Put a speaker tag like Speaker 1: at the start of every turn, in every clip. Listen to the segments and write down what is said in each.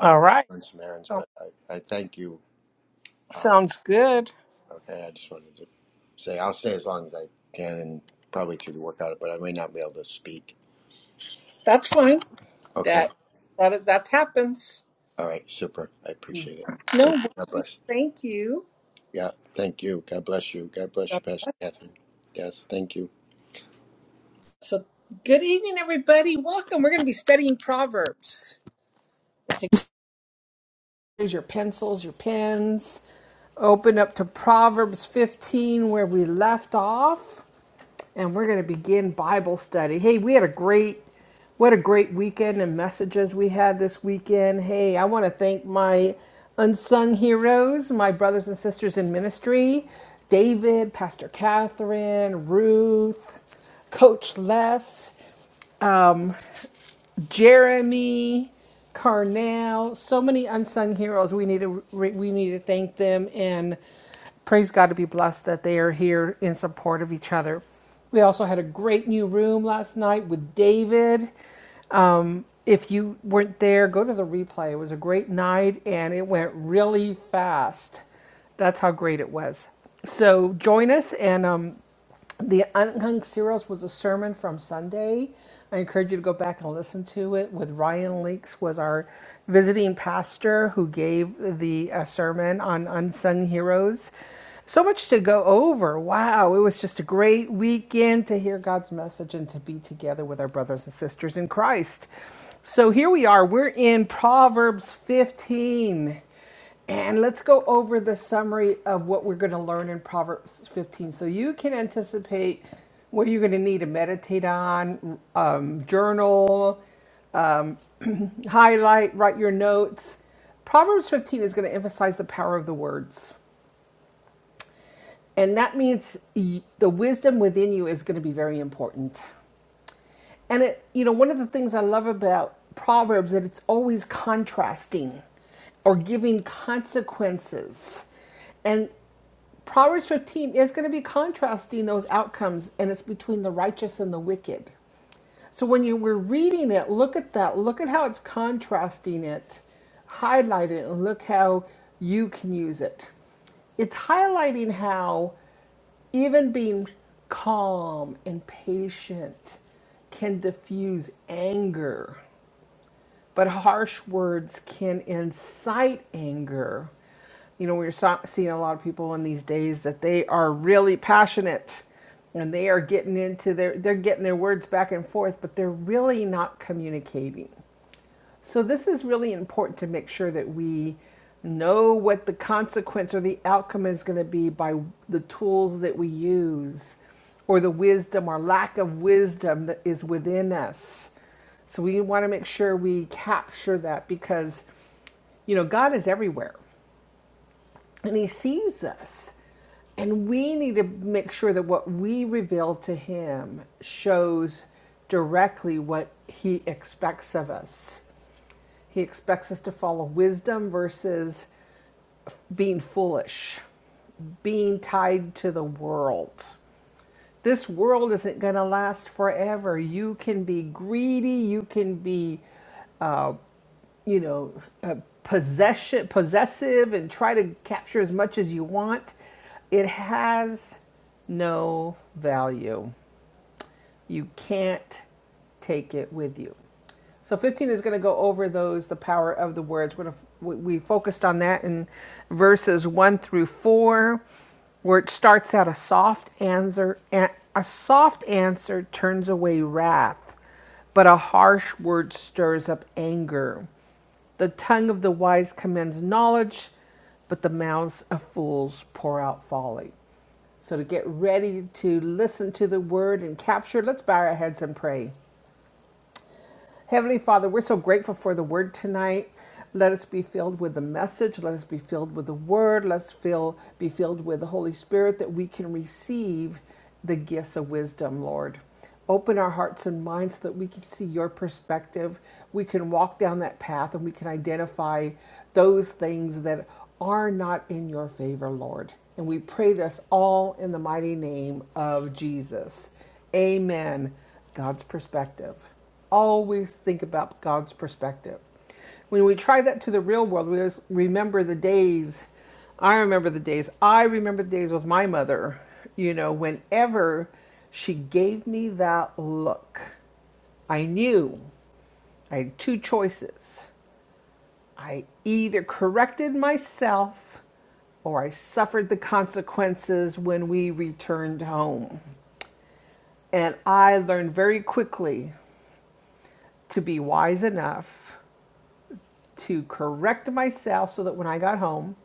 Speaker 1: All right. Um, sounds good. That's fine. That that that happens. No worries. Thank you. Uh, So good evening, everybody. Welcome. We're going to be studying Proverbs. Take here's your pencils, your pens. Open up to Proverbs 15, where we left off. and we're going to begin Bible study. Hey, we had a great, what a great weekend and messages we had this weekend. Hey, I want to thank my unsung heroes, my brothers and sisters in ministry, David, Pastor Catherine, Ruth, Coach Les. um, Jeremy, Carnell, so many unsung heroes. We need to re- we need to thank them and praise God to be blessed that they are here in support of each other. We also had a great new room last night with David if you weren't there, go to the replay. It was a great night and it went really fast. That's how great it was. So join us and um, the Unhung Serials was a sermon from Sunday. I encourage you to go back and listen to it. With Ryan Leeks was our visiting pastor who gave the uh, sermon on unsung heroes. So much to go over. Wow. It was just a great weekend to hear God's message and to be together with our brothers and sisters in Christ. So here we are. We're in Proverbs 15. And let's go over the summary of what we're going to learn in Proverbs 15 so you can anticipate what you're going to need to meditate on, um, journal, um, highlight, write your notes. Proverbs 15 is going to emphasize the power of the words. And that means the wisdom within you is going to be very important. And it, you know, one of the things I love about Proverbs is that it's always contrasting or giving consequences. And Proverbs 15 is going to be contrasting those outcomes and it's between the righteous and the wicked. So when you were reading it, look at that. Look at how it's contrasting it, highlight it, and look how you can use it. It's highlighting how even being calm and patient can diffuse anger, but harsh words can incite anger. You know, we're so- seeing a lot of people in these days that they are really passionate and they are getting into their they're getting their words back and forth, but they're really not communicating. So, this is really important to make sure that we know what the consequence or the outcome is going to be by the tools that we use or the wisdom or lack of wisdom that is within us. So, we want to make sure we capture that because, you know, God is everywhere and He sees us. And we need to make sure that what we reveal to Him shows directly what He expects of us. He expects us to follow wisdom versus being foolish, being tied to the world. This world isn't going to last forever. You can be greedy, you can be, uh, you know, uh, possession, possessive, and try to capture as much as you want. It has no value you can't take it with you. So 15 is going to go over those, the power of the words. We're gonna, we focused on that in verses 1 through 4, where it starts out a soft answer, a a soft answer turns away wrath, but a harsh word stirs up anger. The tongue of the wise commends knowledge, but the mouths of fools pour out folly. So to get ready to listen to the word and capture, let's bow our heads and pray. Heavenly Father, we're so grateful for the word tonight. Let us be filled with the message. Let us be filled with the word. Let's fill, be filled with the Holy Spirit that we can receive the gifts of wisdom, Lord. Open our hearts and minds so that we can see your perspective. We can walk down that path and we can identify those things that are not in your favor, Lord. And we pray this all in the mighty name of Jesus. Amen. God's perspective. Always think about God's perspective. When we try that to the real world, we always remember the days. I remember the days. I remember the days with my mother, you know, whenever she gave me that look, I knew I had two choices. I either corrected myself or I suffered the consequences when we returned home. And I learned very quickly to be wise enough to correct myself so that when I got home,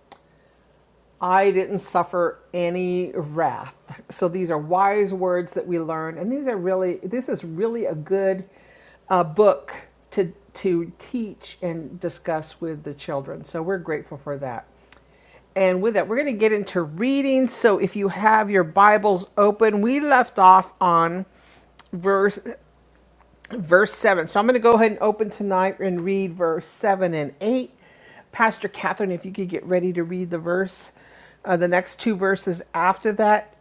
Speaker 1: I didn't suffer any wrath. So these are wise words that we learn, and these are really this is really a good uh, book to to teach and discuss with the children. So we're grateful for that. And with that, we're going to get into reading. So if you have your Bibles open, we left off on verse verse 7. So I'm going to go ahead and open tonight and read verse 7 and 8. Pastor Catherine, if you could get ready to read the verse, uh, the next two verses after that,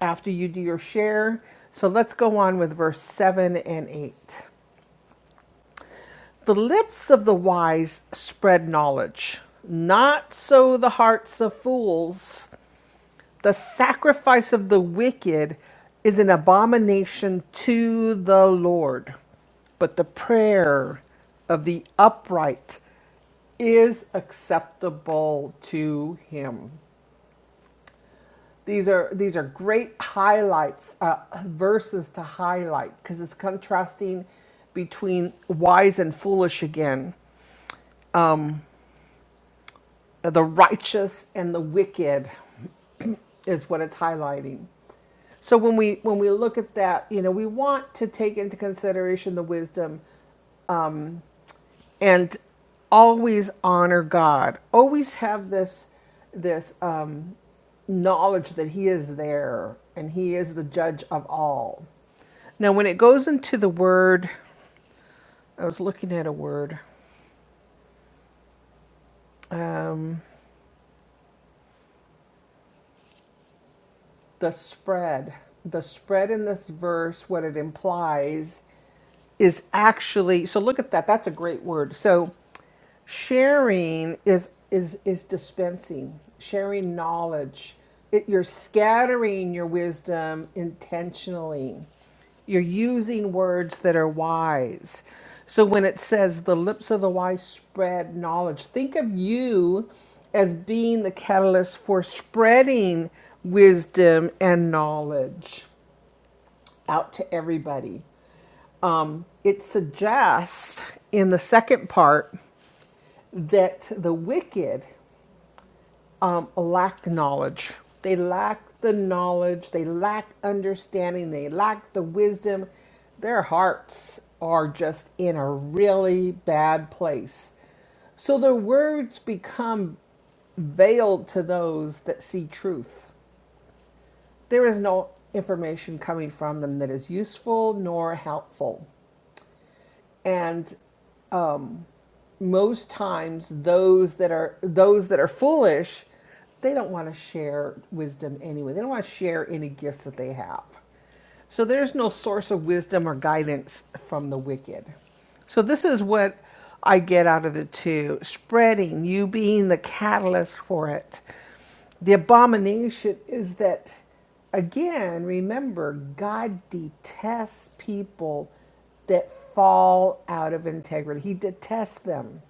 Speaker 1: after you do your share. So let's go on with verse 7 and 8. The lips of the wise spread knowledge, not so the hearts of fools. The sacrifice of the wicked is an abomination to the Lord, but the prayer of the upright is acceptable to him. These are these are great highlights, uh, verses to highlight because it's contrasting between wise and foolish again. The righteous and the wicked is what it's highlighting. So when we when we look at that, you know, we want to take into consideration the wisdom and always honor God. Always have this this um, knowledge that He is there and He is the judge of all. Now, when it goes into the word, I was looking at a word, um, the spread. The spread in this verse, what it implies is actually so look at that that's a great word so sharing is is is dispensing sharing knowledge it, you're scattering your wisdom intentionally you're using words that are wise so when it says the lips of the wise spread knowledge think of you as being the catalyst for spreading wisdom and knowledge out to everybody it suggests in the second part that the wicked um, lack knowledge. They lack the knowledge, they lack understanding, they lack the wisdom. Their hearts are just in a really bad place. So their words become veiled to those that see truth. There is no information coming from them that is useful nor helpful. And most times those that are those that are foolish they don't want to share wisdom anyway they don't want to share any gifts that they have so there's no source of wisdom or guidance from the wicked so this is what i get out of the two spreading you being the catalyst for it the abomination is that, again, remember, God detests people that fall out of integrity. He detests them.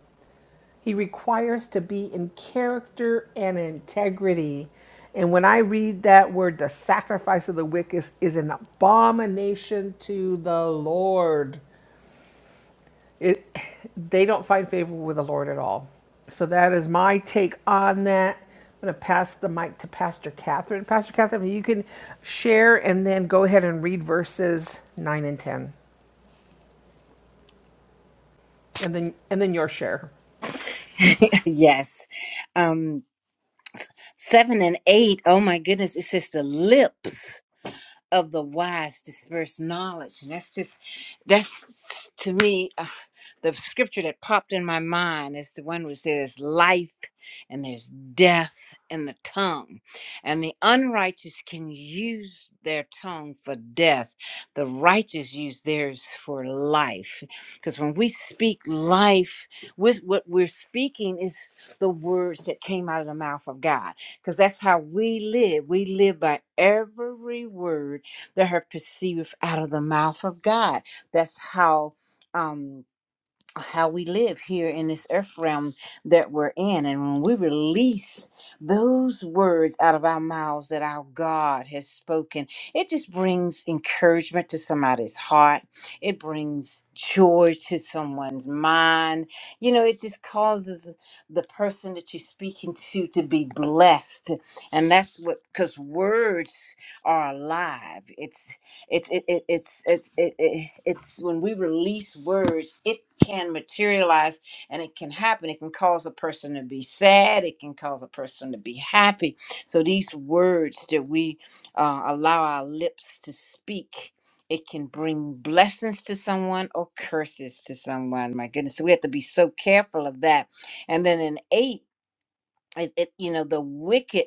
Speaker 1: He requires to be in character and integrity. And when I read that word, the sacrifice of the wicked is is an abomination to the Lord it they don't find favor with the Lord at all. So that is my take on that. I'm going to pass the mic to Pastor Catherine. Pastor Catherine, you can share and then go ahead and read verses 9 and 10 and then and then your share.
Speaker 2: Yes. Um, seven and eight. Oh my goodness. It says the lips of the wise disperse knowledge. And that's just, that's to me, uh, the scripture that popped in my mind is the one which says, Life and there's death in the tongue. And the unrighteous can use their tongue for death, the righteous use theirs for life. Because when we speak life, with what we're speaking is the words that came out of the mouth of God because that's how we live. We live by every word that are perceived out of the mouth of God. That's how um how we live here in this earth realm that we're in. And when we release those words out of our mouths that our God has spoken, it just brings encouragement to somebody's heart. It brings joy to someone's mind. You know, it just causes the person that you're speaking to to be blessed. And that's what, because words are alive. It's it's it, it it's it's it, it, it's when we release words it can materialize and it can happen it can cause a person to be sad it can cause a person to be happy so these words that we uh, allow our lips to speak it can bring blessings to someone or curses to someone my goodness so we have to be so careful of that and then in eight it, it you know the wicked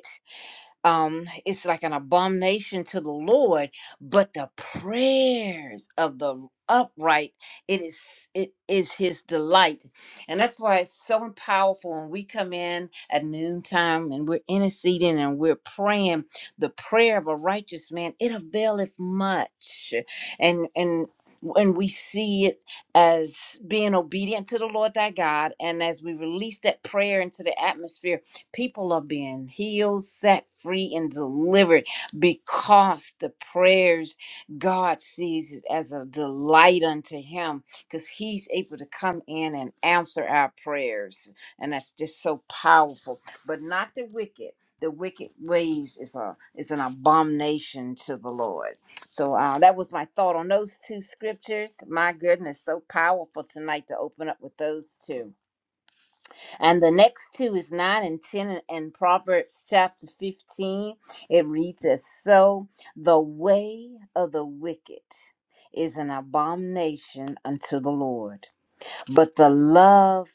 Speaker 2: um it's like an abomination to the lord but the prayers of the upright it is it is his delight and that's why it's so powerful when we come in at noontime and we're interceding and we're praying the prayer of a righteous man it availeth much and and when we see it as being obedient to the Lord thy God, and as we release that prayer into the atmosphere, People are being healed, set free, and delivered because the prayers God sees it as a delight unto Him because He's able to come in and answer our prayers. And that's just so powerful. But not the wicked. The wicked ways is a is an abomination to the Lord. So uh, that was my thought on those two scriptures. My goodness, so powerful tonight to open up with those two. And the next two is 9 and 10 in in Proverbs chapter 15. It reads as so the way of the wicked is an abomination unto the Lord, but the love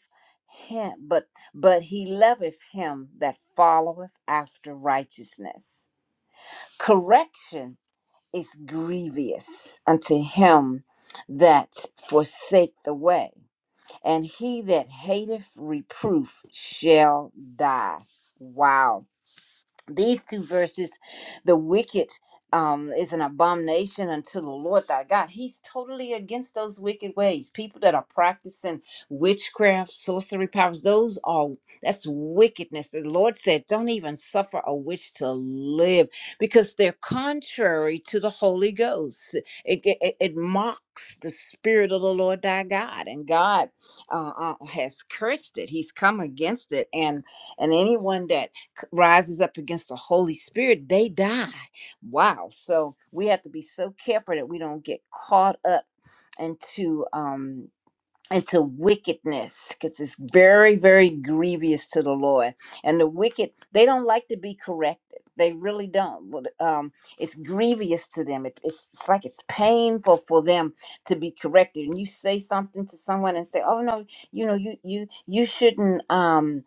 Speaker 2: him but but he loveth him that followeth after righteousness. Correction is grievous unto him that forsake the way and he that hateth reproof shall die. Wow these two verses the wicked um, is an abomination unto the lord thy god he's totally against those wicked ways people that are practicing witchcraft sorcery powers those are that's wickedness the lord said don't even suffer a witch to live because they're contrary to the holy ghost it, it, it it mocks the spirit of the lord thy god and god uh, uh, has cursed it he's come against it and and anyone that c- rises up against the Holy Spirit, they die. Wow. So we have to be so careful that we don't get caught up into um into wickedness because it's very very grievous to the lord and the wicked they don't like to be corrected they really don't But, um, it's grievous to them it, it's, it's like it's painful for them to be corrected and you say something to someone and say oh no you know you you you shouldn't Um,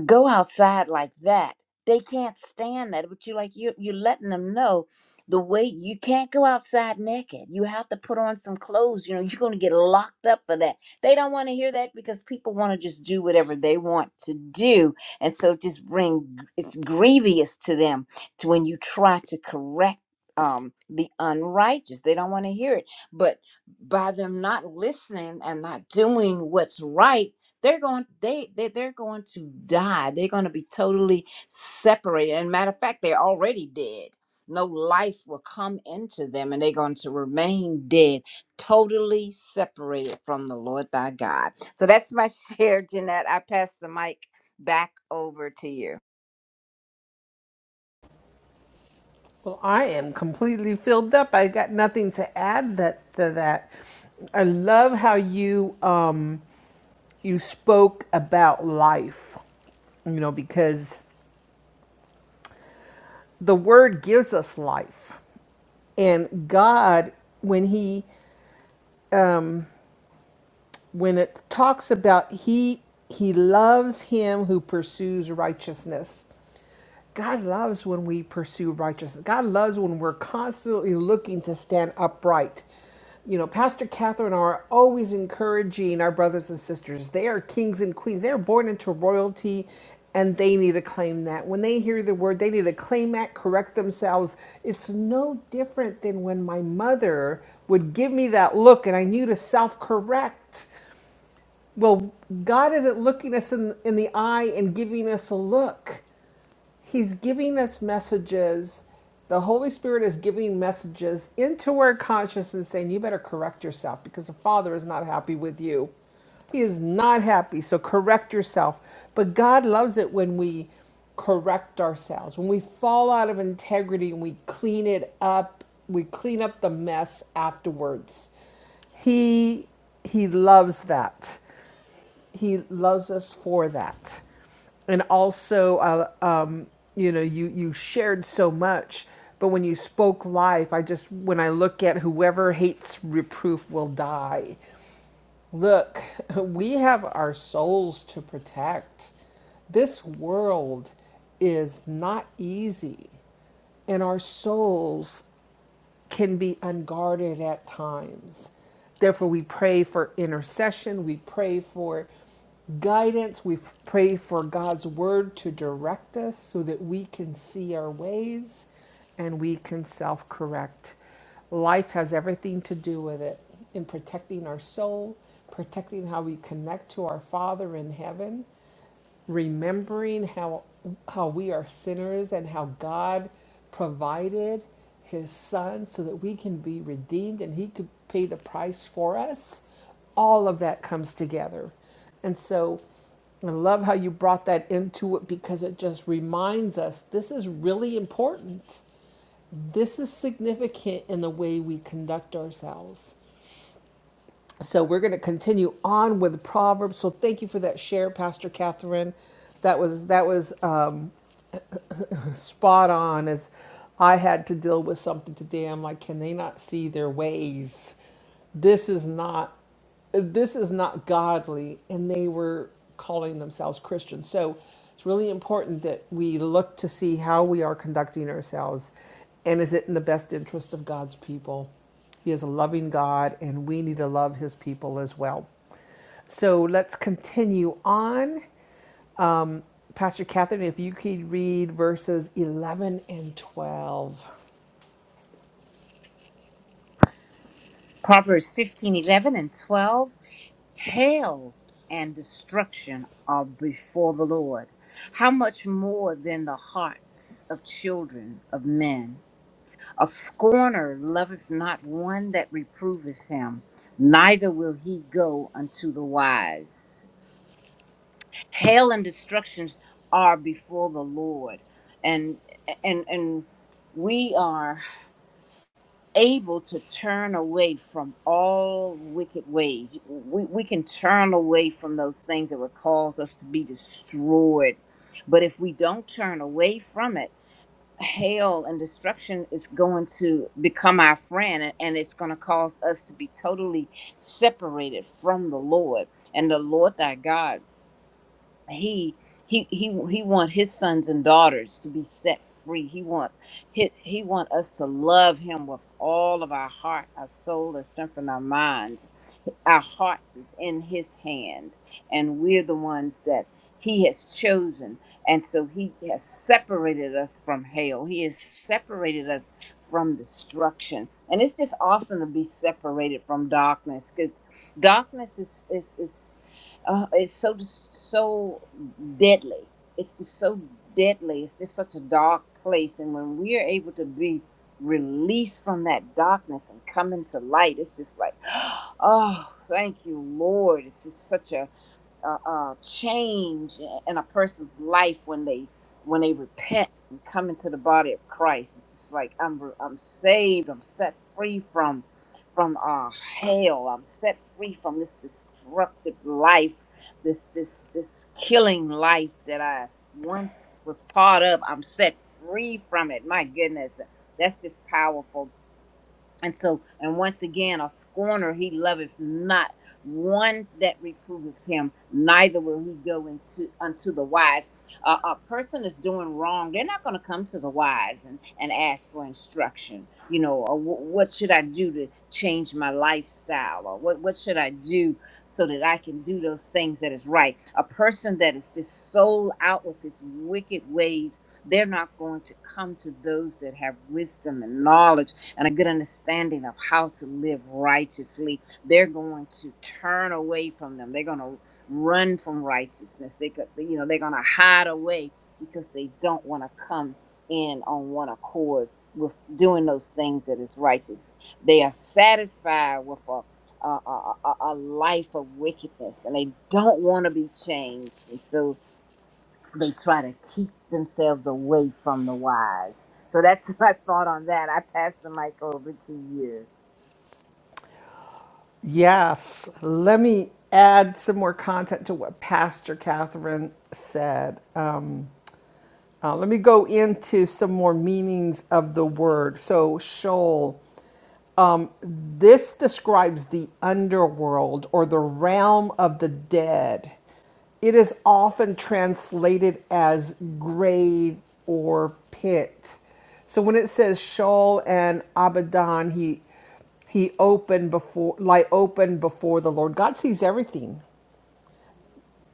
Speaker 2: go outside like that. They can't stand that. But you like you you're letting them know the way you can't go outside naked. You have to put on some clothes. You know, you're gonna get locked up for that. They don't want to hear that because people want to just do whatever they want to do. And so it just bring it's grievous to them to when you try to correct um the unrighteous. They don't want to hear it. But by them not listening and not doing what's right they're going they, they they're going to die they're going to be totally separated and matter of fact they're already dead no life will come into them and they're going to remain dead totally separated from the lord thy god so that's my share jeanette i pass the mic back over to you
Speaker 1: Well, I am completely filled up. I got nothing to add that to that. I love how you um you spoke about life you know, because the word gives us life. and god when he um when it talks about he he loves him who pursues righteousness God loves when we pursue righteousness. God loves when we're constantly looking to stand upright. You know, Pastor Catherine are always encouraging our brothers and sisters. They are kings and queens. They are born into royalty and they need to claim that. When they hear the word, they need to claim that, correct themselves. It's no different than when my mother would give me that look and I knew to self correct. Well, God isn't looking us in, in the eye and giving us a look. He's giving us messages. The Holy Spirit is giving messages into our consciousness saying, you better correct yourself because the Father is not happy with you. He is not happy, so correct yourself. But God loves it when we correct ourselves, when we fall out of integrity and we clean it up, we clean up the mess afterwards. He he loves that he loves us for that and also uh, um, you know you you shared so much but when you spoke life i just when i look at whoever hates reproof will die look we have our souls to protect this world is not easy and our souls can be unguarded at times. Therefore, we pray for intercession, we pray for guidance, we pray for God's word to direct us so that we can see our ways and we can self correct. Life has everything to do with it in protecting our soul, protecting how we connect to our Father in heaven remembering how how we are sinners and how God provided his son so that we can be redeemed and he could pay the price for us all of that comes together and so I love how you brought that into it because it just reminds us this is really important this is significant in the way we conduct ourselves so we're going to continue on with Proverbs. So thank you for that share, Pastor Catherine. That was that was um, spot on as I had to deal with something today. I'm like, can they not see their ways? This is not this is not godly and they were calling themselves Christians. So it's really important that we look to see how we are conducting ourselves and is it in the best interest of God's people? He is a loving God and we need to love his people as well. So let's continue on. Pastor Catherine, if you could read verses 11 and 12.
Speaker 2: Proverbs fifteen eleven and 12. Hail and destruction are before the Lord. How much more than the hearts of children of men? A scorner loveth not one that reproveth him, neither will he go unto the wise. Hail and destructions are before the Lord, and and and we are able to turn away from all wicked ways. We, we can turn away from those things that would cause us to be destroyed. But if we don't turn away from it, hail and destruction is going to become our friend and and it's going to cause us to be totally separated from the lord and the lord thy god he he he he want his sons and daughters to be set free he want he, he want us to love him with all of our heart our soul our strength and our minds our hearts is in his hand and we're the ones that he has chosen and so he has separated us from hell he has separated us from destruction and it's just awesome to be separated from darkness because darkness is is is uh, it's so so deadly. It's just so deadly. It's just such a dark place, and when we are able to be released from that darkness and come into light, it's just like, oh, thank you, Lord. It's just such a uh, uh, change in a person's life when they when they repent and come into the body of Christ. It's just like I'm re- I'm saved. I'm set free from from uh, hell. I'm set free from this destructive life, this this this killing life that I once was part of. I'm set free from it. My goodness, that's just powerful. And so, and once again, a scorner he loveth not, one that reproveth him, neither will he go into unto the wise. Uh, a person is doing wrong; they're not going to come to the wise and and ask for instruction. You know, or wh- what should I do to change my lifestyle, or what what should I do so that I can do those things that is right? A person that is just sold out with his wicked ways, they're not going to come to those that have wisdom and knowledge and a good understanding of how to live righteously, they're going to turn away from them. They're going to run from righteousness. They could, you know, they're going to hide away because they don't want to come in on one accord with doing those things that is righteous. They are satisfied with a a, a, a a life of wickedness and they don't want to be changed. And so they try to keep themselves away from the wise. So that's my thought on that. I pass the mic over to you.
Speaker 1: Yes, let me add some more content to what Pastor Catherine said. Um, uh, let me go into some more meanings of the word. So, shoal. This describes the underworld or the realm of the dead. It is often translated as grave or pit. So when it says Sheol and Abaddon, he he opened before lie open before the Lord. God sees everything.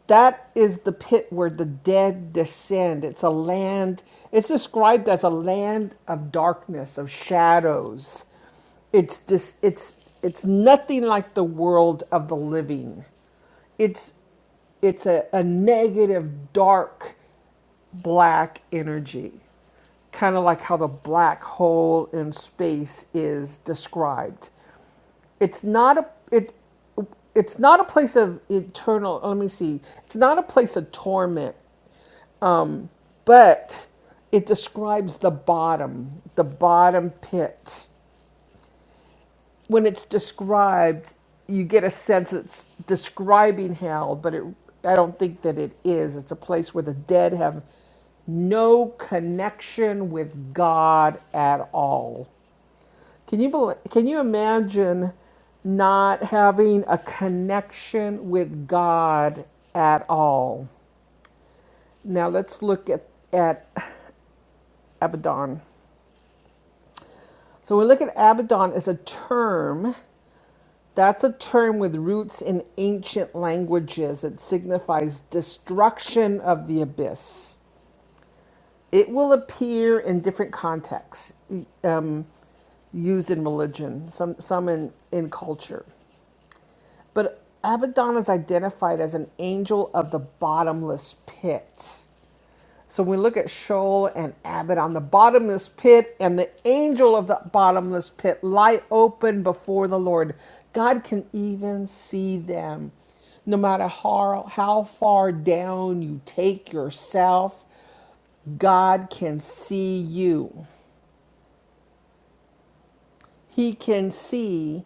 Speaker 1: That is the pit where the dead descend. It's a land, it's described as a land of darkness, of shadows. It's dis, it's it's nothing like the world of the living. It's it's a, a negative dark black energy. Kind of like how the black hole in space is described it's not a it it's not a place of eternal oh, let me see it's not a place of torment but it describes the bottom the bottom pit when it's described you get a sense it's describing hell but it i don't think that it is it's a place where the dead have no connection with god at all Can you believe? can you imagine not having a connection with God at all? Now let's look at at Abaddon. So we look at Abaddon as a term. That's a term with roots in ancient languages. It signifies destruction of the abyss. It will appear in different contexts, e, um, used in religion, some some in in culture. But Abaddon is identified as an angel of the bottomless pit. So we look at Sheol and Abaddon, the bottomless pit, and the angel of the bottomless pit lie open before the Lord. God can even see them. No matter how, how far down you take yourself, God can see you. He can see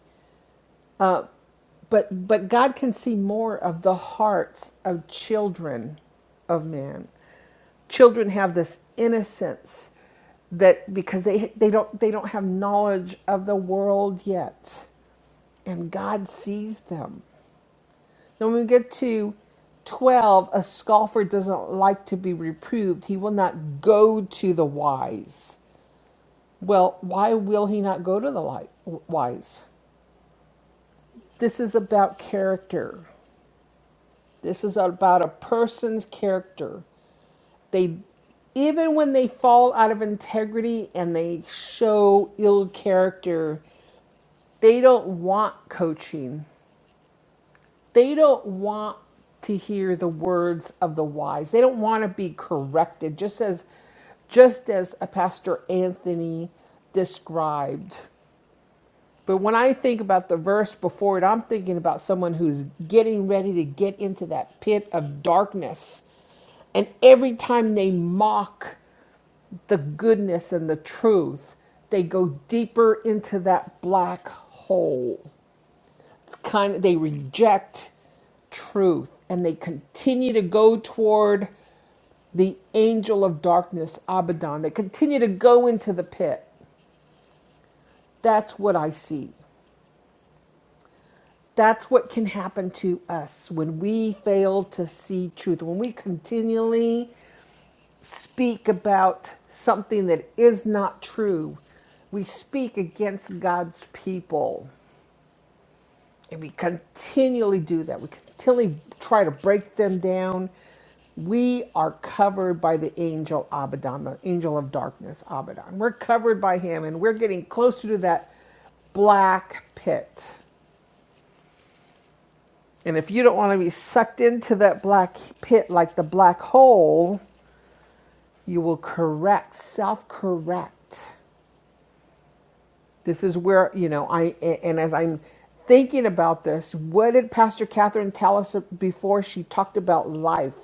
Speaker 1: but but God can see more of the hearts of children of men. Children have this innocence that because they they don't they don't have knowledge of the world yet, and God sees them. Then when we get to 12 a scoffer doesn't like to be reproved he will not go to the wise well why will he not go to the light, wise this is about character This is about a person's character. They even when they fall out of integrity and they show ill character, they don't want coaching. They don't want to hear the words of the wise. They don't want to be corrected just as just as a pastor Anthony described. But when I think about the verse before it, I'm thinking about someone who's getting ready to get into that pit of darkness. And every time they mock the goodness and the truth, they go deeper into that black hole. It's kind of they reject truth and they continue to go toward the angel of darkness, Abaddon. They continue to go into the pit. That's what I see. that's what can happen to us when we fail to see truth, when we continually speak about something that is not true. We speak against God's people, and we continually do that. We continually try to break them down. We are covered by the angel Abaddon, the angel of darkness, Abaddon. We're covered by him, and we're getting closer to that black pit And if you don't want to be sucked into that black pit like the black hole, you will correct, self correct. This is where, you know, I, and as I'm thinking about this, what did Pastor Catherine tell us before she talked about life?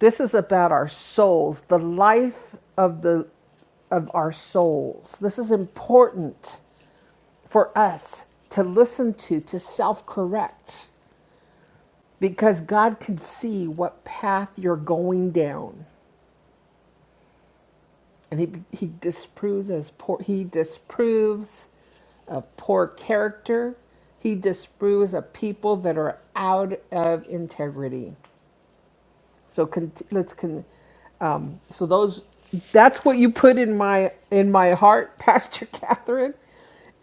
Speaker 1: This is about our souls, the life of the of our souls. This is important for us to listen to, to self correct. because God can see what path you're going down, and he he disproves as poor he disproves of poor character. He disproves of people that are out of integrity. So con- let's con- um, so those that's what you put in my in my heart, Pastor Catherine.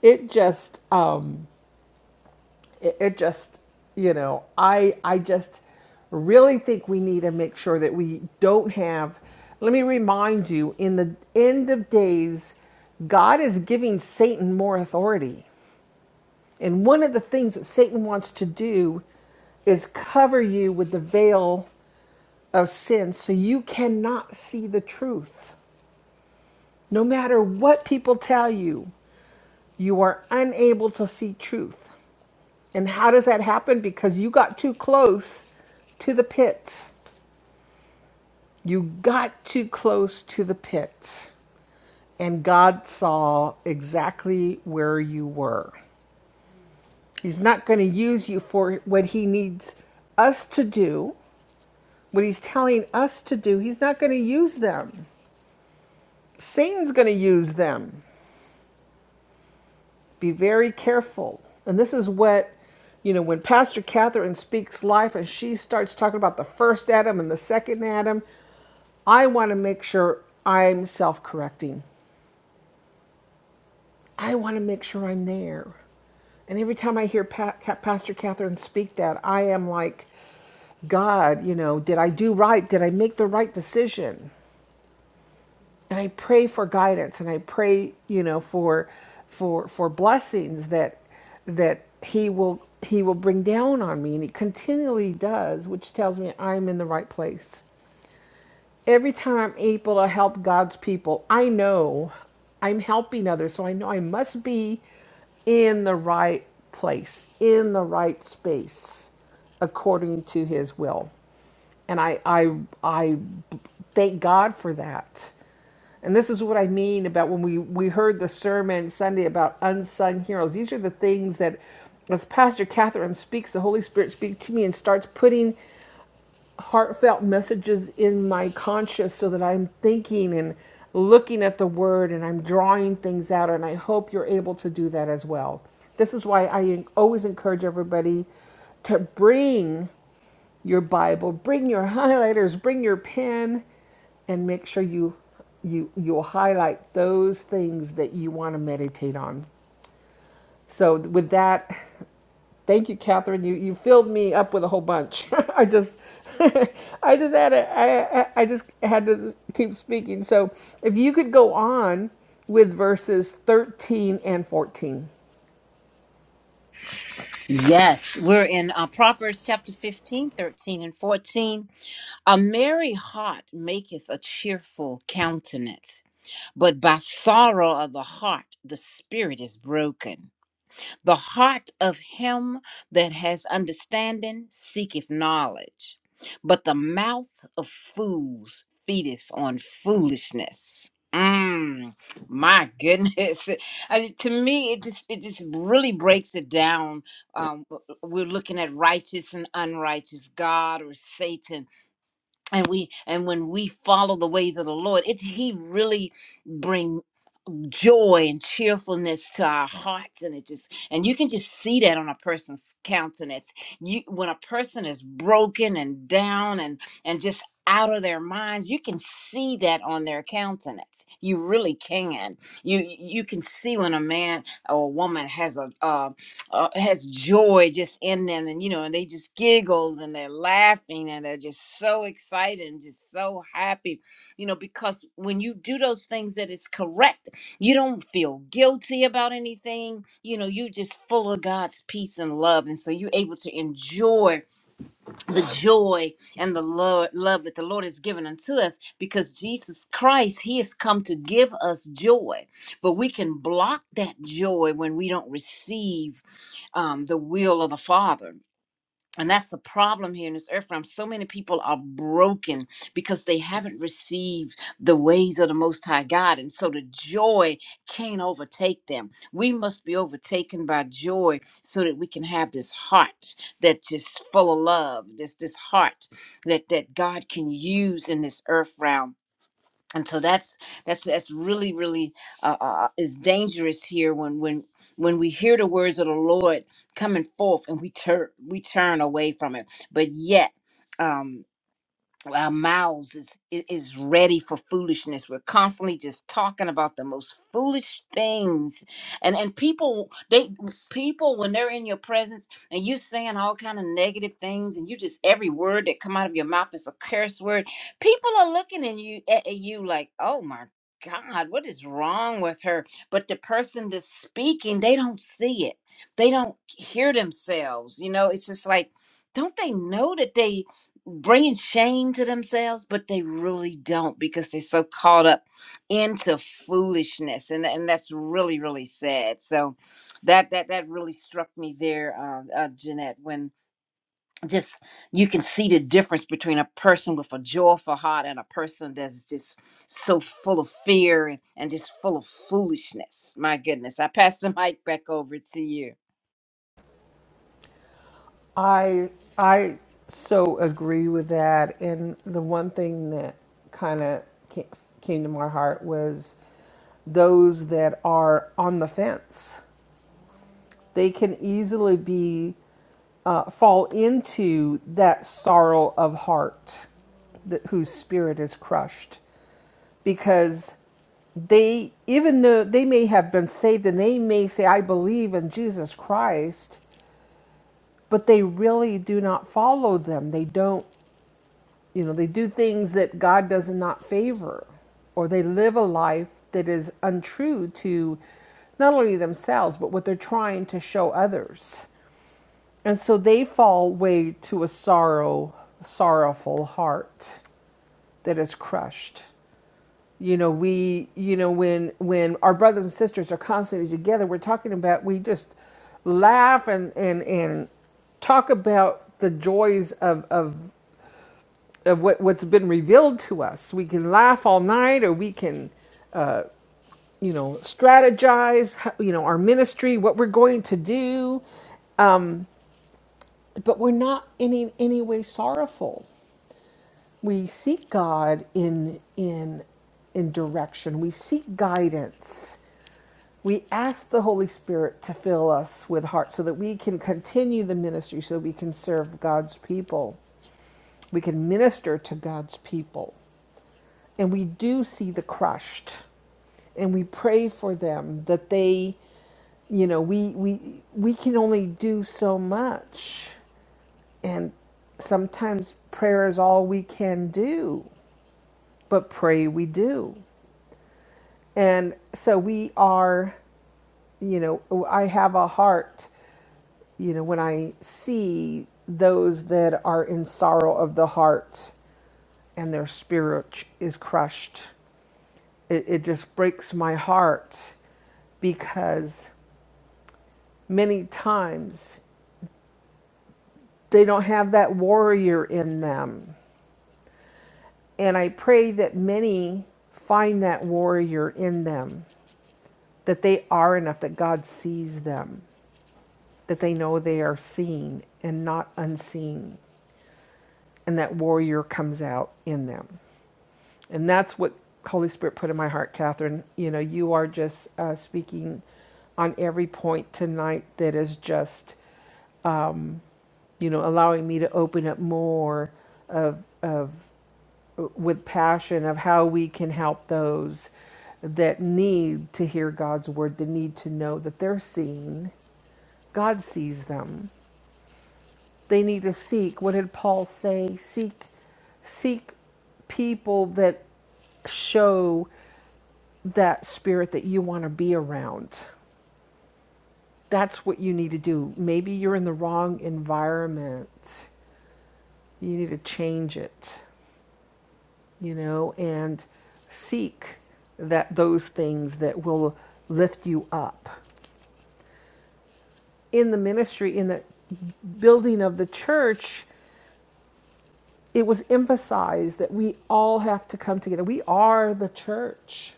Speaker 1: It just um, it, it just you know i i just really think we need to make sure that we don't have let me remind you in the end of days god is giving satan more authority and one of the things that satan wants to do is cover you with the veil of sin so you cannot see the truth no matter what people tell you you are unable to see truth And how does that happen? Because you got too close to the pit. You got too close to the pit. And God saw exactly where you were. He's not going to use you for what He needs us to do, what He's telling us to do. He's not going to use them. Satan's going to use them. Be very careful. And this is what, you know, when Pastor Catherine speaks life and she starts talking about the first Adam and the second Adam, I want to make sure I'm self correcting. I want to make sure I'm there. And every time I hear pa- Pastor Catherine speak that, I am like, God, you know, did I do right? Did I make the right decision? and I pray for guidance and I pray, you know, for for for blessings that that he will he will bring down on me and he continually does, which tells me I'm in the right place. Every time I'm able to help God's people, I know I'm helping others, so I know I must be in the right place, in the right space according to his will. And I I I thank God for that and this is what I mean about when we, we heard the sermon Sunday about unsung heroes. These are the things that, as Pastor Catherine speaks, the Holy Spirit speaks to me and starts putting heartfelt messages in my conscious so that I'm thinking and looking at the word and I'm drawing things out. And I hope you're able to do that as well. This is why I always encourage everybody to bring your Bible, bring your highlighters, bring your pen, and make sure you you you'll highlight those things that you want to meditate on. So with that, thank you, Catherine. You you filled me up with a whole bunch. I just I just had a, I, I I just had to keep speaking. So if you could go on with verses 13 and 14.
Speaker 2: Yes, we're in uh, Proverbs chapter 15, 13, and 14. A merry heart maketh a cheerful countenance, but by sorrow of the heart the spirit is broken. The heart of him that has understanding seeketh knowledge, but the mouth of fools feedeth on foolishness. Mm, my goodness. I- to me, it just it just really breaks it down. Um, w- we're looking at righteous and unrighteous, God or Satan, and we and when we follow the ways of the Lord, it He really brings joy and cheerfulness to our hearts and it just and you can just see that on a person's countenance you when a person is broken and down and and just out of their minds you can see that on their countenance you really can you you can see when a man or a woman has a uh, uh, has joy just in them and you know and they just giggles and they're laughing and they're just so excited and just so happy you know because when you do those things that is correct you don't feel guilty about anything. You know, you're just full of God's peace and love. And so you're able to enjoy the joy and the love, love that the Lord has given unto us because Jesus Christ, He has come to give us joy. But we can block that joy when we don't receive um, the will of the Father and that's the problem here in this earth realm. So many people are broken because they haven't received the ways of the Most High God. And so the joy can't overtake them. We must be overtaken by joy so that we can have this heart that is full of love, this, this heart that, that God can use in this earth realm and so that's that's that's really really uh, uh, is dangerous here when when when we hear the words of the Lord coming forth and we turn we turn away from it, but yet. Um, our mouths is i- is ready for foolishness we're constantly just talking about the most foolish things and and people they people when they're in your presence and you saying all kind of negative things and you just every word that come out of your mouth is a curse word people are looking at you at at you like oh my god what is wrong with her but the person that's speaking they don't see it they don't hear themselves you know it's just like don't they know that they bringing shame to themselves, but they really don't because they're so caught up into foolishness, and and that's really really sad. So that that that really struck me there, uh, uh, Jeanette, when just you can see the difference between a person with a joyful heart and a person that's just so full of fear and, and just full of foolishness my goodness i pass the mic back over to you
Speaker 1: I I so agree with that. And the one thing that kind of came to my heart was those that are on the fence. They can easily be uh, fall into that sorrow of heart, that, whose spirit is crushed, because they even though they may have been saved and they may say, "I believe in Jesus Christ," but they really do not follow them. They don't, you know, they do things that God does not favor, or they live a life that is untrue to not only themselves, but what they're trying to show others. And so they fall way to a sorrow, sorrowful heart that is crushed you know we you know when when our brothers and sisters are constantly together we're talking about we just laugh and and and talk about the joys of of of what, what's been revealed to us we can laugh all night or we can you know strategize you know our ministry what we're going to do but we're not in any, any way sorrowful we seek god in in in direction we seek guidance We ask the Holy Spirit to fill us with heart so that we can continue the ministry, so we can serve God's people. We can minister to God's people. And we do see the crushed. And we pray for them that they, you know, we we we can only do so much. And sometimes prayer is all we can do, but pray we do. And so we are, you know, I have a heart you know, when I see those that are in sorrow of the heart and their spirit is crushed, it, it just breaks my heart because many times they don't have that warrior in them. And I pray that many find that warrior in them, that they are enough, that God sees them, that they know they are seen and not unseen, and that warrior comes out in them. And that's what Holy Spirit put in my heart, Catherine. You know, you are just uh, speaking on every point tonight that is just, you know, allowing me to open up more of, of with passion of how we can help those that need to hear God's word, that need to know that they're seen. God sees them. They need to seek. What did Paul say? Seek, seek people that show that spirit that you want to be around. That's what you need to do. Maybe you're in the wrong environment. You need to change it, you know, and seek that those things that will lift you up. In the ministry, in the building of the church, it was emphasized that we all have to come together. We are the church.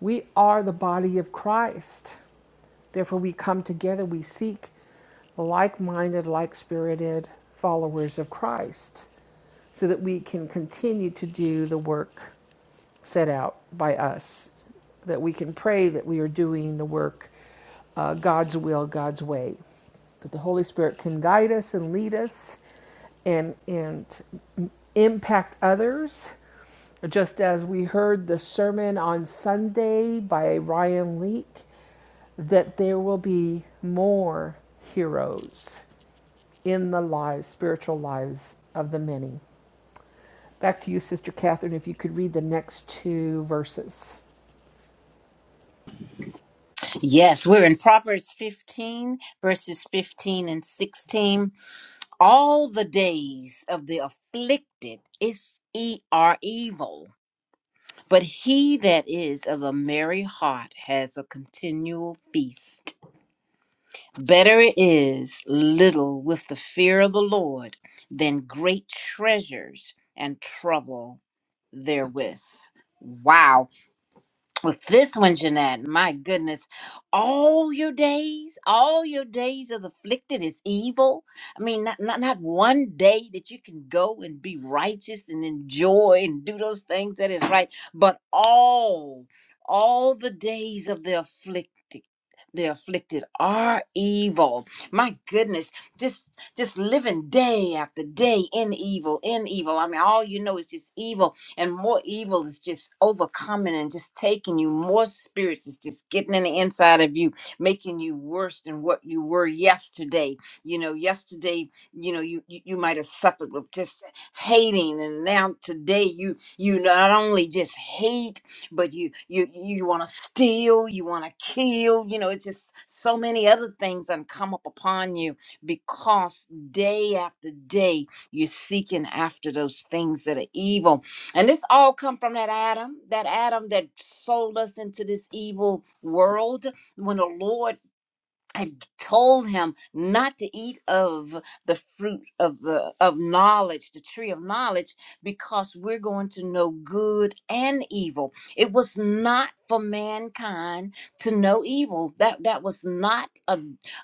Speaker 1: We are the body of Christ. Therefore, we come together, we seek like minded, like spirited followers of Christ so that we can continue to do the work set out by us, that we can pray that we are doing the work uh, God's will, God's way, that the Holy Spirit can guide us and lead us and, and impact others. Just as we heard the sermon on Sunday by Ryan Leake, that there will be more heroes in the lives, spiritual lives of the many. Back to you, Sister Catherine, if you could read the next two verses.
Speaker 2: yes we're in proverbs 15 verses 15 and 16 all the days of the afflicted is e- are evil, but he that is of a merry heart has a continual feast. Better it is little with the fear of the Lord than great treasures and trouble therewith. Wow with this one, Jeanette, my goodness, all your days, all your days of afflicted is evil. I mean, not, not not one day that you can go and be righteous and enjoy and do those things that is right, but all, all the days of the afflicted. The afflicted are evil. My goodness, just just living day after day in evil, in evil. I mean, all you know is just evil and more evil is just overcoming and just taking you more spirits is just getting in the inside of you making you worse than what you were yesterday you know yesterday you know you you, you might have suffered with just hating and now today you you not only just hate but you you you want to steal you want to kill you know it's just so many other things that come up upon you because day after day you're seeking after those things that are evil and this all come from that Adam, that Adam that sold us into this evil world. When the Lord I told him not to eat of the fruit of the of knowledge, the tree of knowledge, because we're going to know good and evil. It was not for mankind to know evil. That that was not a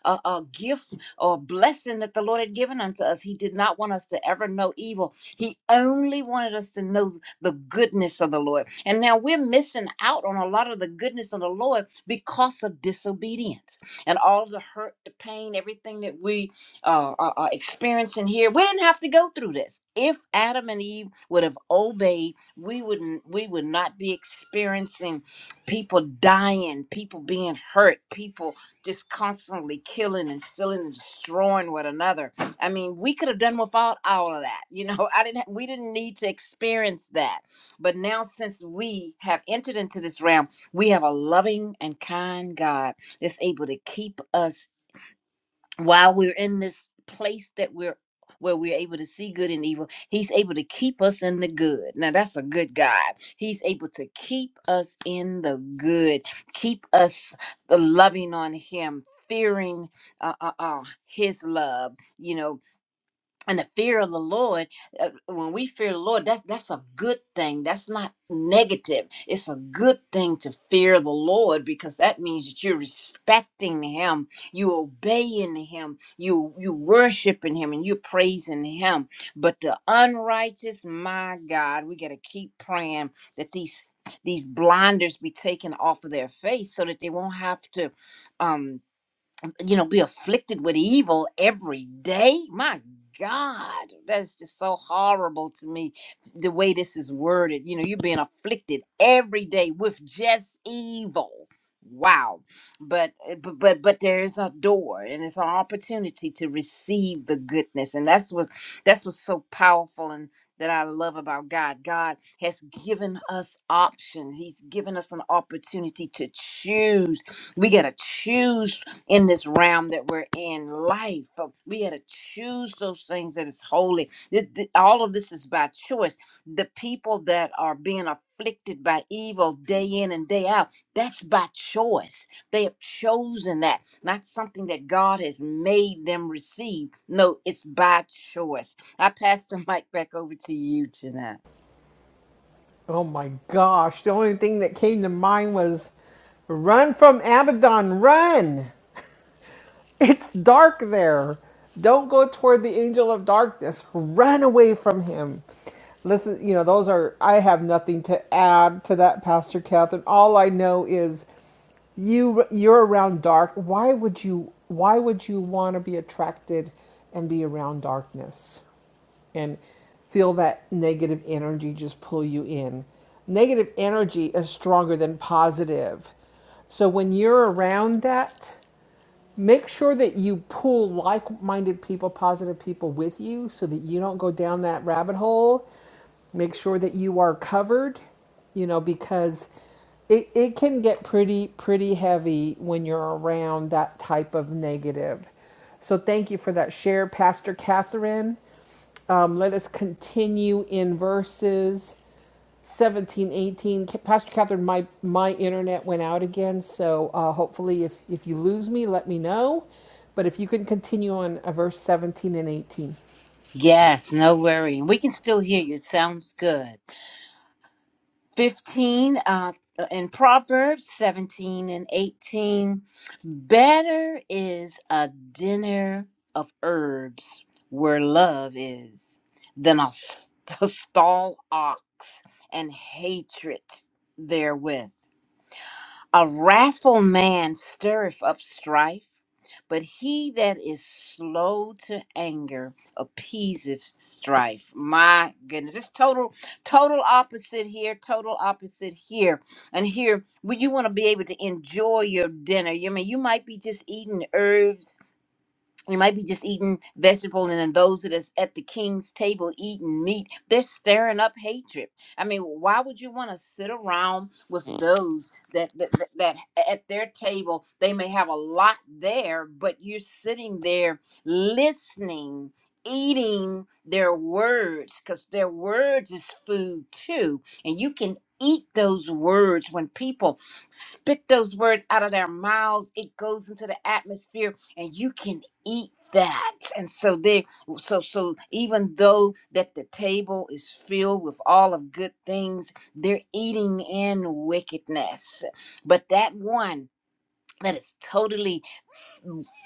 Speaker 2: a, a gift or blessing that the Lord had given unto us. He did not want us to ever know evil. He only wanted us to know the goodness of the Lord. And now we're missing out on a lot of the goodness of the Lord because of disobedience and all the hurt, the pain, everything that we uh, are, are experiencing here. We didn't have to go through this. If Adam and Eve would have obeyed, we wouldn't. We would not be experiencing people dying, people being hurt, people just constantly killing and stealing and destroying one another. I mean, we could have done without all of that. You know, I didn't. We didn't need to experience that. But now, since we have entered into this realm, we have a loving and kind God that's able to keep us while we're in this place that we're where we're able to see good and evil. He's able to keep us in the good. Now that's a good God. He's able to keep us in the good, keep us uh, loving on Him, fearing uh, uh, uh, His love. You know, and the fear of the Lord, uh, when we fear the Lord, that's that's a good thing. That's not negative. It's a good thing to fear the Lord because that means that you're respecting Him, you obeying Him, you you worshiping Him, and you're praising Him. But the unrighteous, my God, we got to keep praying that these these blinders be taken off of their face so that they won't have to um you know, be afflicted with evil every day. My God, that's just so horrible to me. The way this is worded, you know, you're being afflicted every day with just evil. Wow. But but but but there is a door and it's an opportunity to receive the goodness. And that's what that's what's so powerful and that I love about God. God has given us options. He's given us an opportunity to choose we got to choose in this realm that we're in life but we had to choose those things that is holy this, th- all of this is by choice the people that are being afflicted by evil day in and day out that's by choice they have chosen that not something that god has made them receive no it's by choice i pass the mic back over to you tonight
Speaker 1: Oh my gosh. The only thing that came to mind was run from Abaddon, run. It's dark there. Don't go toward the angel of darkness. Run away from him. Listen, you know, those are, I have nothing to add to that, Pastor Catherine. All I know is you you're around dark why would you why would you want to be attracted and be around darkness and feel that negative energy just pull you in. Negative energy is stronger than positive. So when you're around that, make sure that you pull like-minded people positive people with you so that you don't go down that rabbit hole make sure that you are covered you know because it, it can get pretty pretty heavy when you're around that type of negative so thank you for that share pastor catherine um, let us continue in verses seventeen, eighteen. Pastor Catherine, my, my internet went out again, so uh, hopefully if, if you lose me, let me know. But if you can continue on uh, verse 17 and 18.
Speaker 2: yes no worry. we can still hear you sounds good 15 uh, in Proverbs 17 and 18. Better is a dinner of herbs where love is than a, st- a stall ox and hatred therewith. A wrathful man stirreth up strife, but he that is slow to anger appeaseth strife. My goodness, it's total, total opposite here, total opposite here. And here, well, you want to be able to enjoy your dinner. You mean you might be just eating herbs you might be just eating vegetable and then those that is at the king's table eating meat they're stirring up hatred i mean why would you want to sit around with those that, that that that at their table they may have a lot there but you're sitting there listening eating their words because their words is food too and you can eat those words when people spit those words out of their mouths it goes into the atmosphere and you can eat that and so they so so even though that the table is filled with all of good things they're eating in wickedness but that one that is totally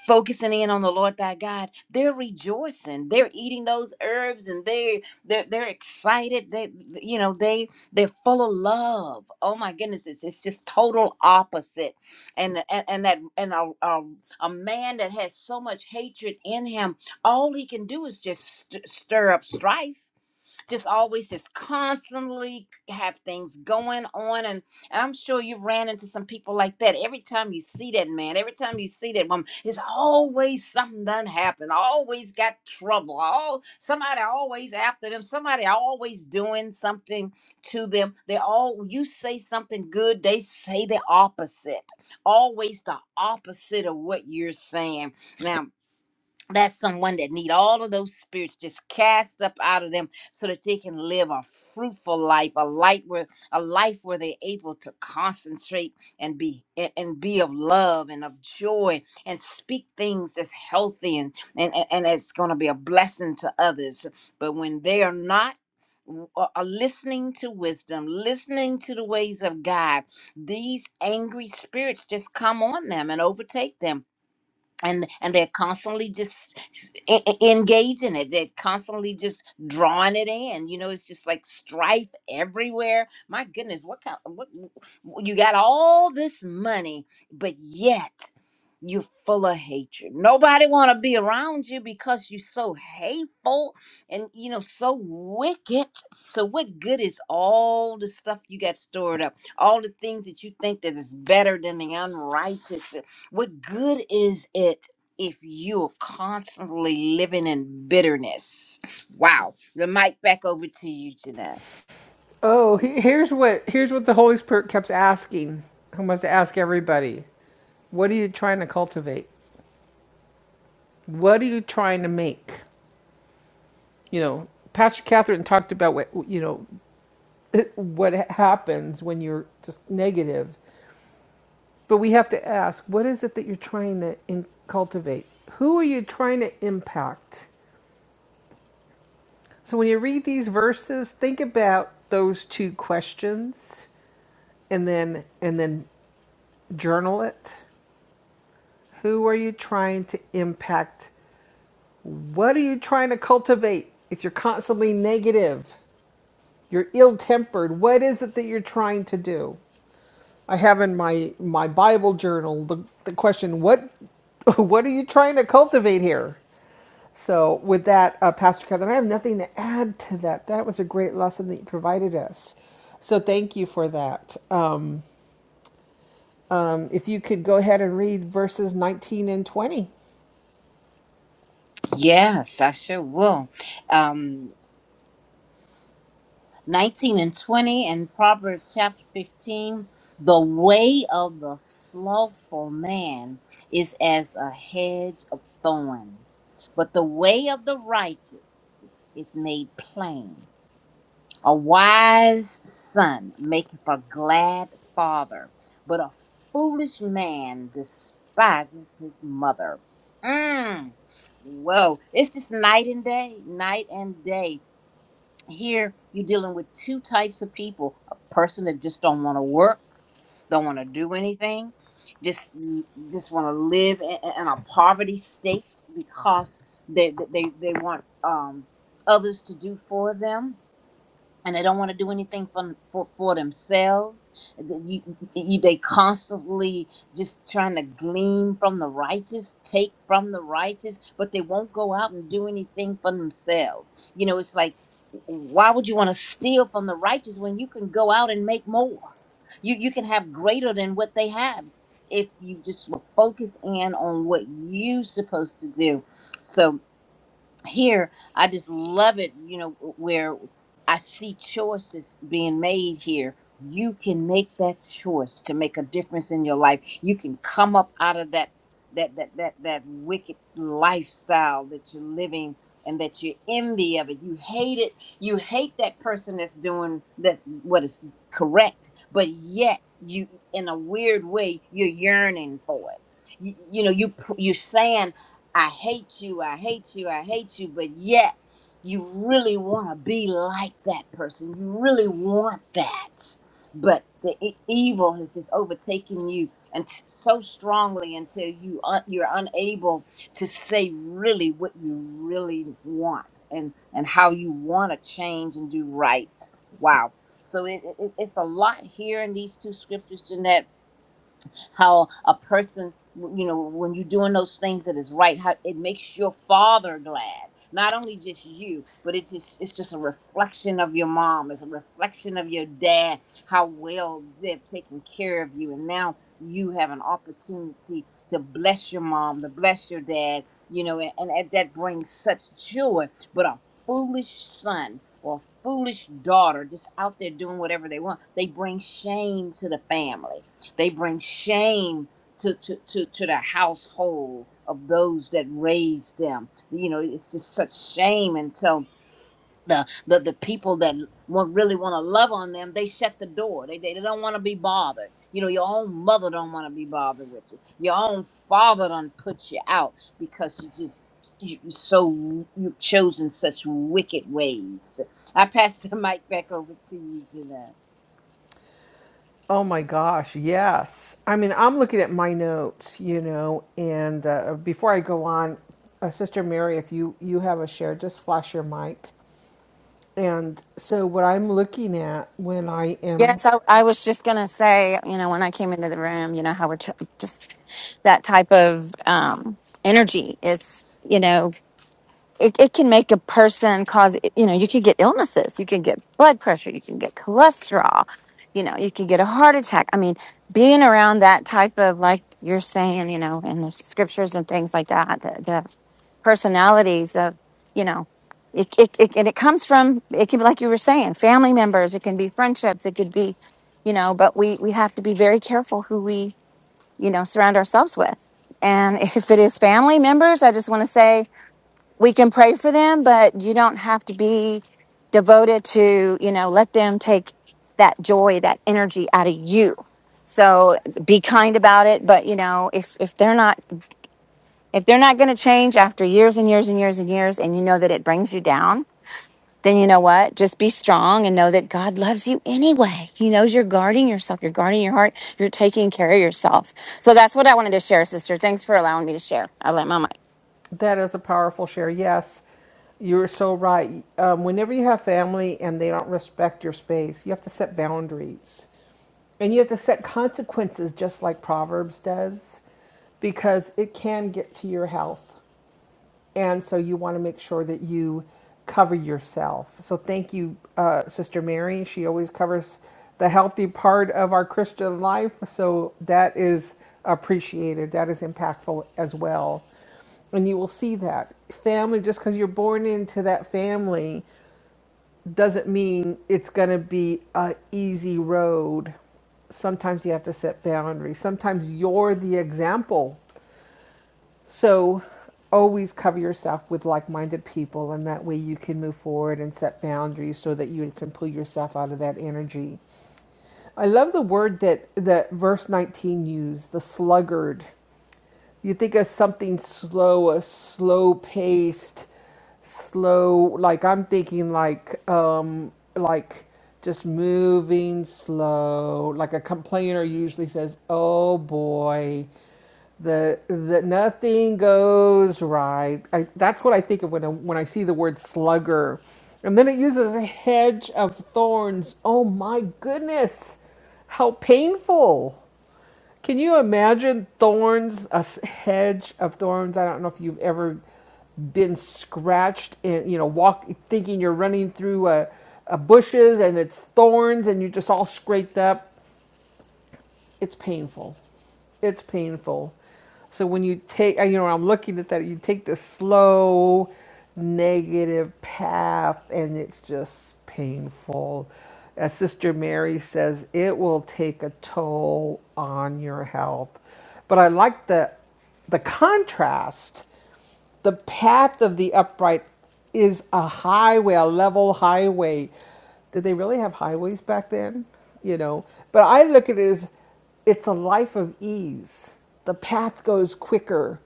Speaker 2: focusing in on the Lord thy God, they're rejoicing. They're eating those herbs and they they're they're excited. They you know they they're full of love. Oh my goodness, it's it's just total opposite. And and, and that and a, a a man that has so much hatred in him, all he can do is just st- stir up strife just always just constantly have things going on and, and i'm sure you ran into some people like that every time you see that man every time you see that woman it's always something done happen always got trouble all somebody always after them somebody always doing something to them they all you say something good they say the opposite always the opposite of what you're saying now that's someone that need all of those spirits just cast up out of them so that they can live a fruitful life a life where a life where they're able to concentrate and be and, and be of love and of joy and speak things that's healthy and and, and and it's going to be a blessing to others but when they are not w- uh, uh, listening to wisdom listening to the ways of god these angry spirits just come on them and overtake them and and they're constantly just e- e- engaging it they're constantly just drawing it in you know it's just like strife everywhere my goodness what kind what you got all this money but yet you're full of hatred. Nobody want to be around you because you're so hateful and you know so wicked. So what good is all the stuff you got stored up? All the things that you think that is better than the unrighteous. What good is it if you're constantly living in bitterness? Wow. The mic back over to you, Jeanette.
Speaker 1: Oh, here's what here's what the Holy Spirit kept asking. Who must ask everybody? What are you trying to cultivate? What are you trying to make? You know, Pastor Catherine talked about what you know what happens when you're just negative. But we have to ask what is it that you're trying to in- cultivate? Who are you trying to impact? So when you read these verses, think about those two questions and then and then journal it. Who are you trying to impact? What are you trying to cultivate? If you're constantly negative, you're ill-tempered, what is it that you're trying to do? I have in my my Bible journal the, the question what what are you trying to cultivate here? So with that, uh, Pastor Catherine, I have nothing to add to that. That was a great lesson that you provided us. So thank you for that. Um, um, if you could go ahead and read verses 19 and 20.
Speaker 2: Yes, I sure will. Um 19 and 20 and Proverbs chapter 15 the way of the slothful man is as a hedge of thorns but the way of the righteous is made plain a wise son maketh a glad father but a foolish man despises his mother mm. whoa it's just night and day night and day here you're dealing with two types of people a person that just don't want to work don't want to do anything just just want to live in, in a poverty state because they they, they want um, others to do for them and they don't want to do anything for for, for themselves. Th- you- you- they constantly just trying to glean from the righteous, take from the righteous, but they won't go out and do anything for themselves. You know, it's like, why would you want to steal from the righteous when you can go out and make more? You you can have greater than what they have if you just will focus in on what you're supposed to do. So here i just love it you know where i see choices being made here you can make that choice to make a difference in your life you can come up out of that that that that, that wicked lifestyle that you're living and that you're envy of it you hate it you hate that person that's doing that's what is correct but yet you in a weird way you're yearning for it you, you know you pr- you're saying I hate you, I hate you, I hate you, but yet you really want to be like that person. You really want that. But the e- evil has just overtaken you and t- so strongly until you un- you're unable to say really what you really want and and how you want to change and do right. Wow. So it, it, it- it's a lot here in these two scriptures, Jeanette how a person you know when you're doing those things that is right how it makes your father glad not only just you but it just it's just a reflection of your mom it's a reflection of your dad how well they've taken care of you and now you have an opportunity to bless your mom to bless your dad you know and, and that that brings such joy but a foolish son or foolish daughter just out there doing whatever they want they bring shame to the family they bring shame to, to, to, to the household of those that raised them. You know, it's just such shame until the the, the people that want, really want to love on them, they shut the door. They, they, they don't want to be bothered. You know, your own mother don't want to be bothered with you. Your own father done put you out because you just you you so you've chosen such wicked ways. I pass the mic back over to you, Jeanette.
Speaker 1: Oh my gosh, yes. I mean, I'm looking at my notes, you know, and uh, before I go on, uh, Sister Mary, if you, you have a share, just flash your mic. And so, what I'm looking at when I am,
Speaker 3: Yes, I, I was just going to say, you know, when I came into the room, you know, how we're t- just that type of um, energy is, you know, it, it can make a person cause you know you could get illnesses you can get blood pressure you can get cholesterol you know you could get a heart attack i mean being around that type of like you're saying you know in the scriptures and things like that the, the personalities of you know it, it, it and it comes from it can be like you were saying family members it can be friendships it could be you know but we we have to be very careful who we you know surround ourselves with and if it is family members i just want to say we can pray for them, but you don't have to be devoted to, you know, let them take that joy, that energy out of you. So be kind about it, but you know, if if they're not if they're not going to change after years and years and years and years and you know that it brings you down, then you know what? Just be strong and know that God loves you anyway. He knows you're guarding yourself, you're guarding your heart, you're taking care of yourself. So that's what I wanted to share, sister. Thanks for allowing me to share. I let my mic.
Speaker 1: that is a powerful share. Yes, you're so right. Um, whenever you have family and they don't respect your space, you have to set boundaries and you have to set consequences just like Proverbs does because it can get to your health. and so you want to make sure that you cover yourself. So thank you, uh, Sister Mary. She always covers the healthy part of our Christian life, so that is appreciated. That is impactful as well, and you will see that family. Just because you're born into that family doesn't mean it's going to be a easy road. Sometimes you have to set boundaries. Sometimes you're the example so always cover yourself with like minded people, and that way you can move forward and set boundaries so that you can pull yourself out of that energy. I love the word that, that verse 19 used the sluggard. You think of something slow, a slow paced, slow like I'm thinking like um like just moving slow. Like a complainer usually says, "Oh boy, the the nothing goes right." I, that's what I think of when I, when I see the word slugger. And then it uses a hedge of thorns. Oh my goodness. How painful. Can you imagine thorns, a hedge of thorns? I don't know if you've ever been scratched and, you know, walk thinking you're running through a, a bushes and it's thorns and you're just all scraped up it's painful. It's painful. So when you take, uh, you know, I'm looking at that, you take the slow negative path and it's just painful. As Sister Mary says, it will take a toll on your health. But I like the the contrast the path of the upright is a highway, a level highway. Did they really have highways back then? You know, but I look at it as it's a life of ease. The path goes quicker.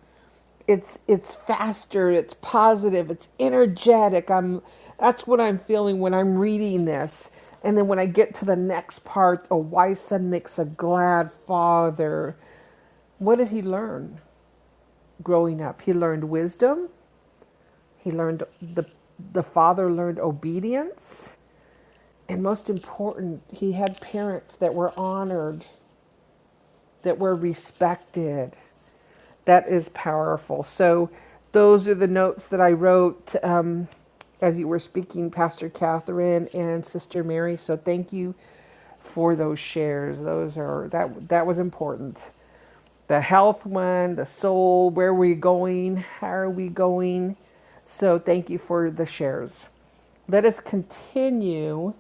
Speaker 1: It's it's faster. It's positive. It's energetic. I'm that's what I'm feeling when I'm reading this. And then when I get to the next part, a wise son makes a glad father. What did he learn? growing up. He learned wisdom. He learned the the father learned obedience, and most important, he had parents that were honored, that were respected that is powerful. So those are the notes that I wrote um, as you were speaking, Pastor Catherine and Sister Mary. So thank you for those shares. Those are that that was important. The health one, the soul, where are we going? How are we going? So thank you for the shares. Let us continue.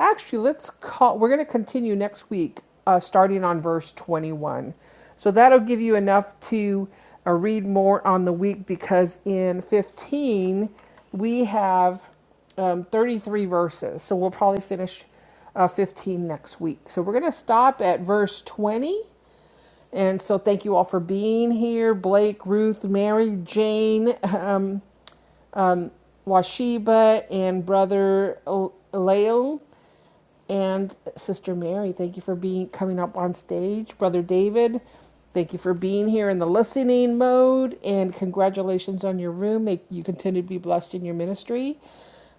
Speaker 1: Actually, let's call, we're going to continue next week, uh, starting on verse 21. So that'll give you enough to uh, read more on the week because in 15, we have um, 33 verses. So we'll probably finish uh, 15 next week. So we're going to stop at verse 20. And so thank you all for being here Blake, Ruth, Mary, Jane, um, Washiba, and Brother Lael and Sister Mary. Thank you for being coming up on stage, Brother David. Thank you for being here in the listening mode, and congratulations on your room. May you continue to be blessed in your ministry.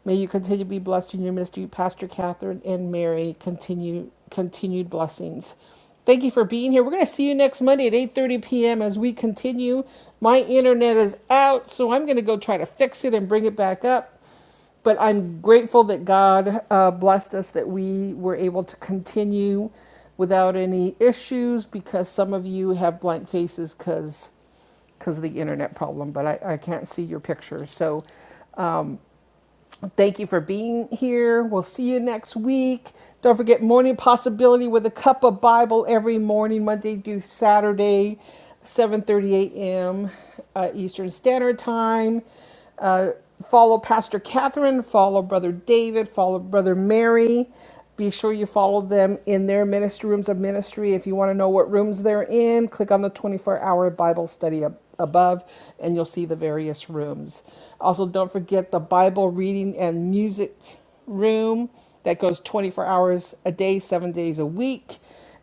Speaker 1: May you continue to be blessed in your ministry, Pastor Catherine and Mary. Continue continued blessings. Thank you for being here. We're going to see you next Monday at 8:30 p.m. as we continue. My internet is out, so I'm going to go try to fix it and bring it back up but I'm grateful that God uh, blessed us that we were able to continue without any issues because some of you have blank faces because because of the internet problem, but I, I can't see your pictures. So Thank you for being here. We'll see you next week. Don't forget Morning Possibility with a cup of Bible every morning, Monday through Saturday, 7:30 a.m. Uh, Eastern Standard Time. Uh, follow Pastor Catherine. Follow Brother David. Follow Brother Mary. Be sure you follow them in their ministry rooms of ministry. If you want to know what rooms they're in, click on the 24-hour Bible study up above and you'll see the various rooms. Also, don't forget the Bible reading and music room that goes 24 hours a day, seven days a week.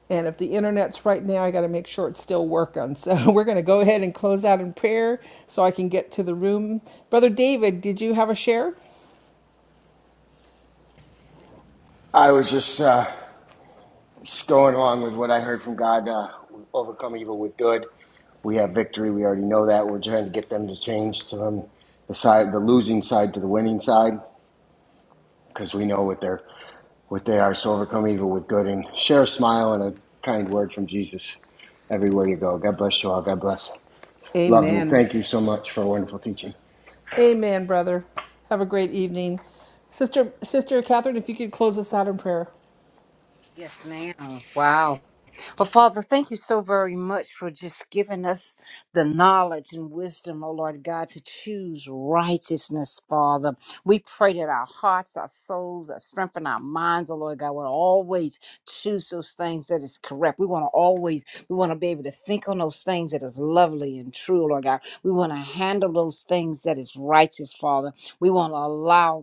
Speaker 1: And if the internet's right now, I got to make sure it's still working. So we're going to go ahead and close out in prayer so I can get to the room. Brother David, did you have a share?
Speaker 4: I was just uh, just going along with what I heard from God. Uh, overcome evil with good. We have victory. We already know that. We're trying to get them to change to them the side, the losing side to the winning side, because we know what they're what they are. So overcome evil with good, and share a smile and a kind word from Jesus everywhere you go. God bless you all. God bless. Love you.
Speaker 1: Amen.
Speaker 4: Thank you so much for a wonderful teaching.
Speaker 1: Amen, brother. Have a great evening. Sister Sister Catherine, if you could close us out in prayer.
Speaker 2: Yes, ma'am. Wow. Well, Father, thank you so very much for just giving us the knowledge and wisdom, oh Lord God, to choose righteousness, Father. We pray that our hearts, our souls, our strength, and our minds, oh Lord God, will always choose those things that is correct. We want to always, we want to be able to think on those things that is lovely and true, Lord God. We want to handle those things that is righteous, Father. We want to allow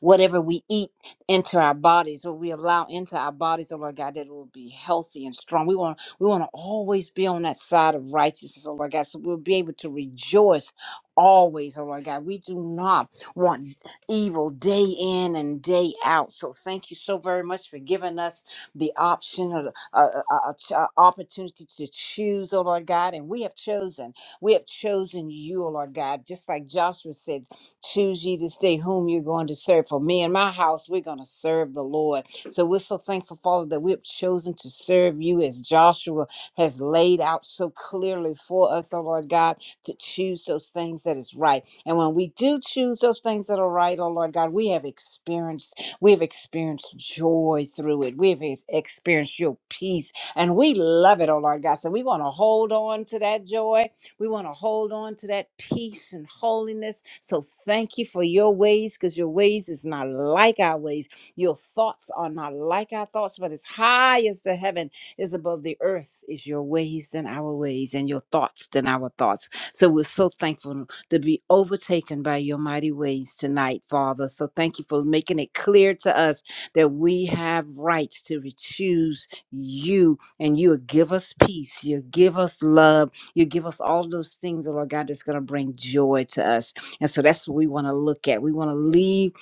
Speaker 2: whatever we eat into our bodies, what we allow into our bodies, oh Lord God, that it will be healthy and strong. We want we want to always be on that side of righteousness, oh Lord God, so we'll be able to rejoice always, oh Lord God. We do not want evil day in and day out. So thank you so very much for giving us the option or the uh, uh, uh, ch- uh, opportunity to choose, oh Lord God, and we have chosen. We have chosen you, oh Lord God, just like Joshua said. Choose ye this day whom you're going to serve. For me and my house, we're going to serve the Lord. So we're so thankful, Father, that we've chosen to serve you as Joshua has laid out so clearly for us, oh Lord God, to choose those things that is right. And when we do choose those things that are right, oh Lord God, we have experienced, we have experienced joy through it. We have ex- experienced your peace. And we love it, oh Lord God. So we want to hold on to that joy we want to hold on to that peace and holiness. So thank you for your ways because your ways is not like our ways. Your thoughts are not like our thoughts, but as high as the heaven is above the earth is your ways than our ways and your thoughts than our thoughts. So we're so thankful to be overtaken by your mighty ways tonight, Father. So thank you for making it clear to us that we have rights to choose you and you will give us peace. You give us love you give us all those things, oh Lord God, that's going to bring joy to us. And so that's what we want to look at. We want to leave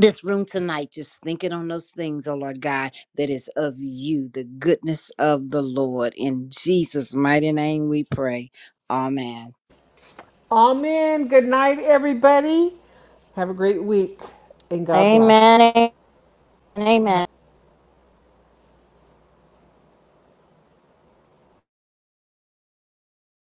Speaker 2: this room tonight just thinking on those things, oh Lord God, that is of you, the goodness of the Lord. In Jesus' mighty name we pray. Amen.
Speaker 1: Amen. Good night, everybody. Have a great week and God bless.
Speaker 3: Amen. Amen.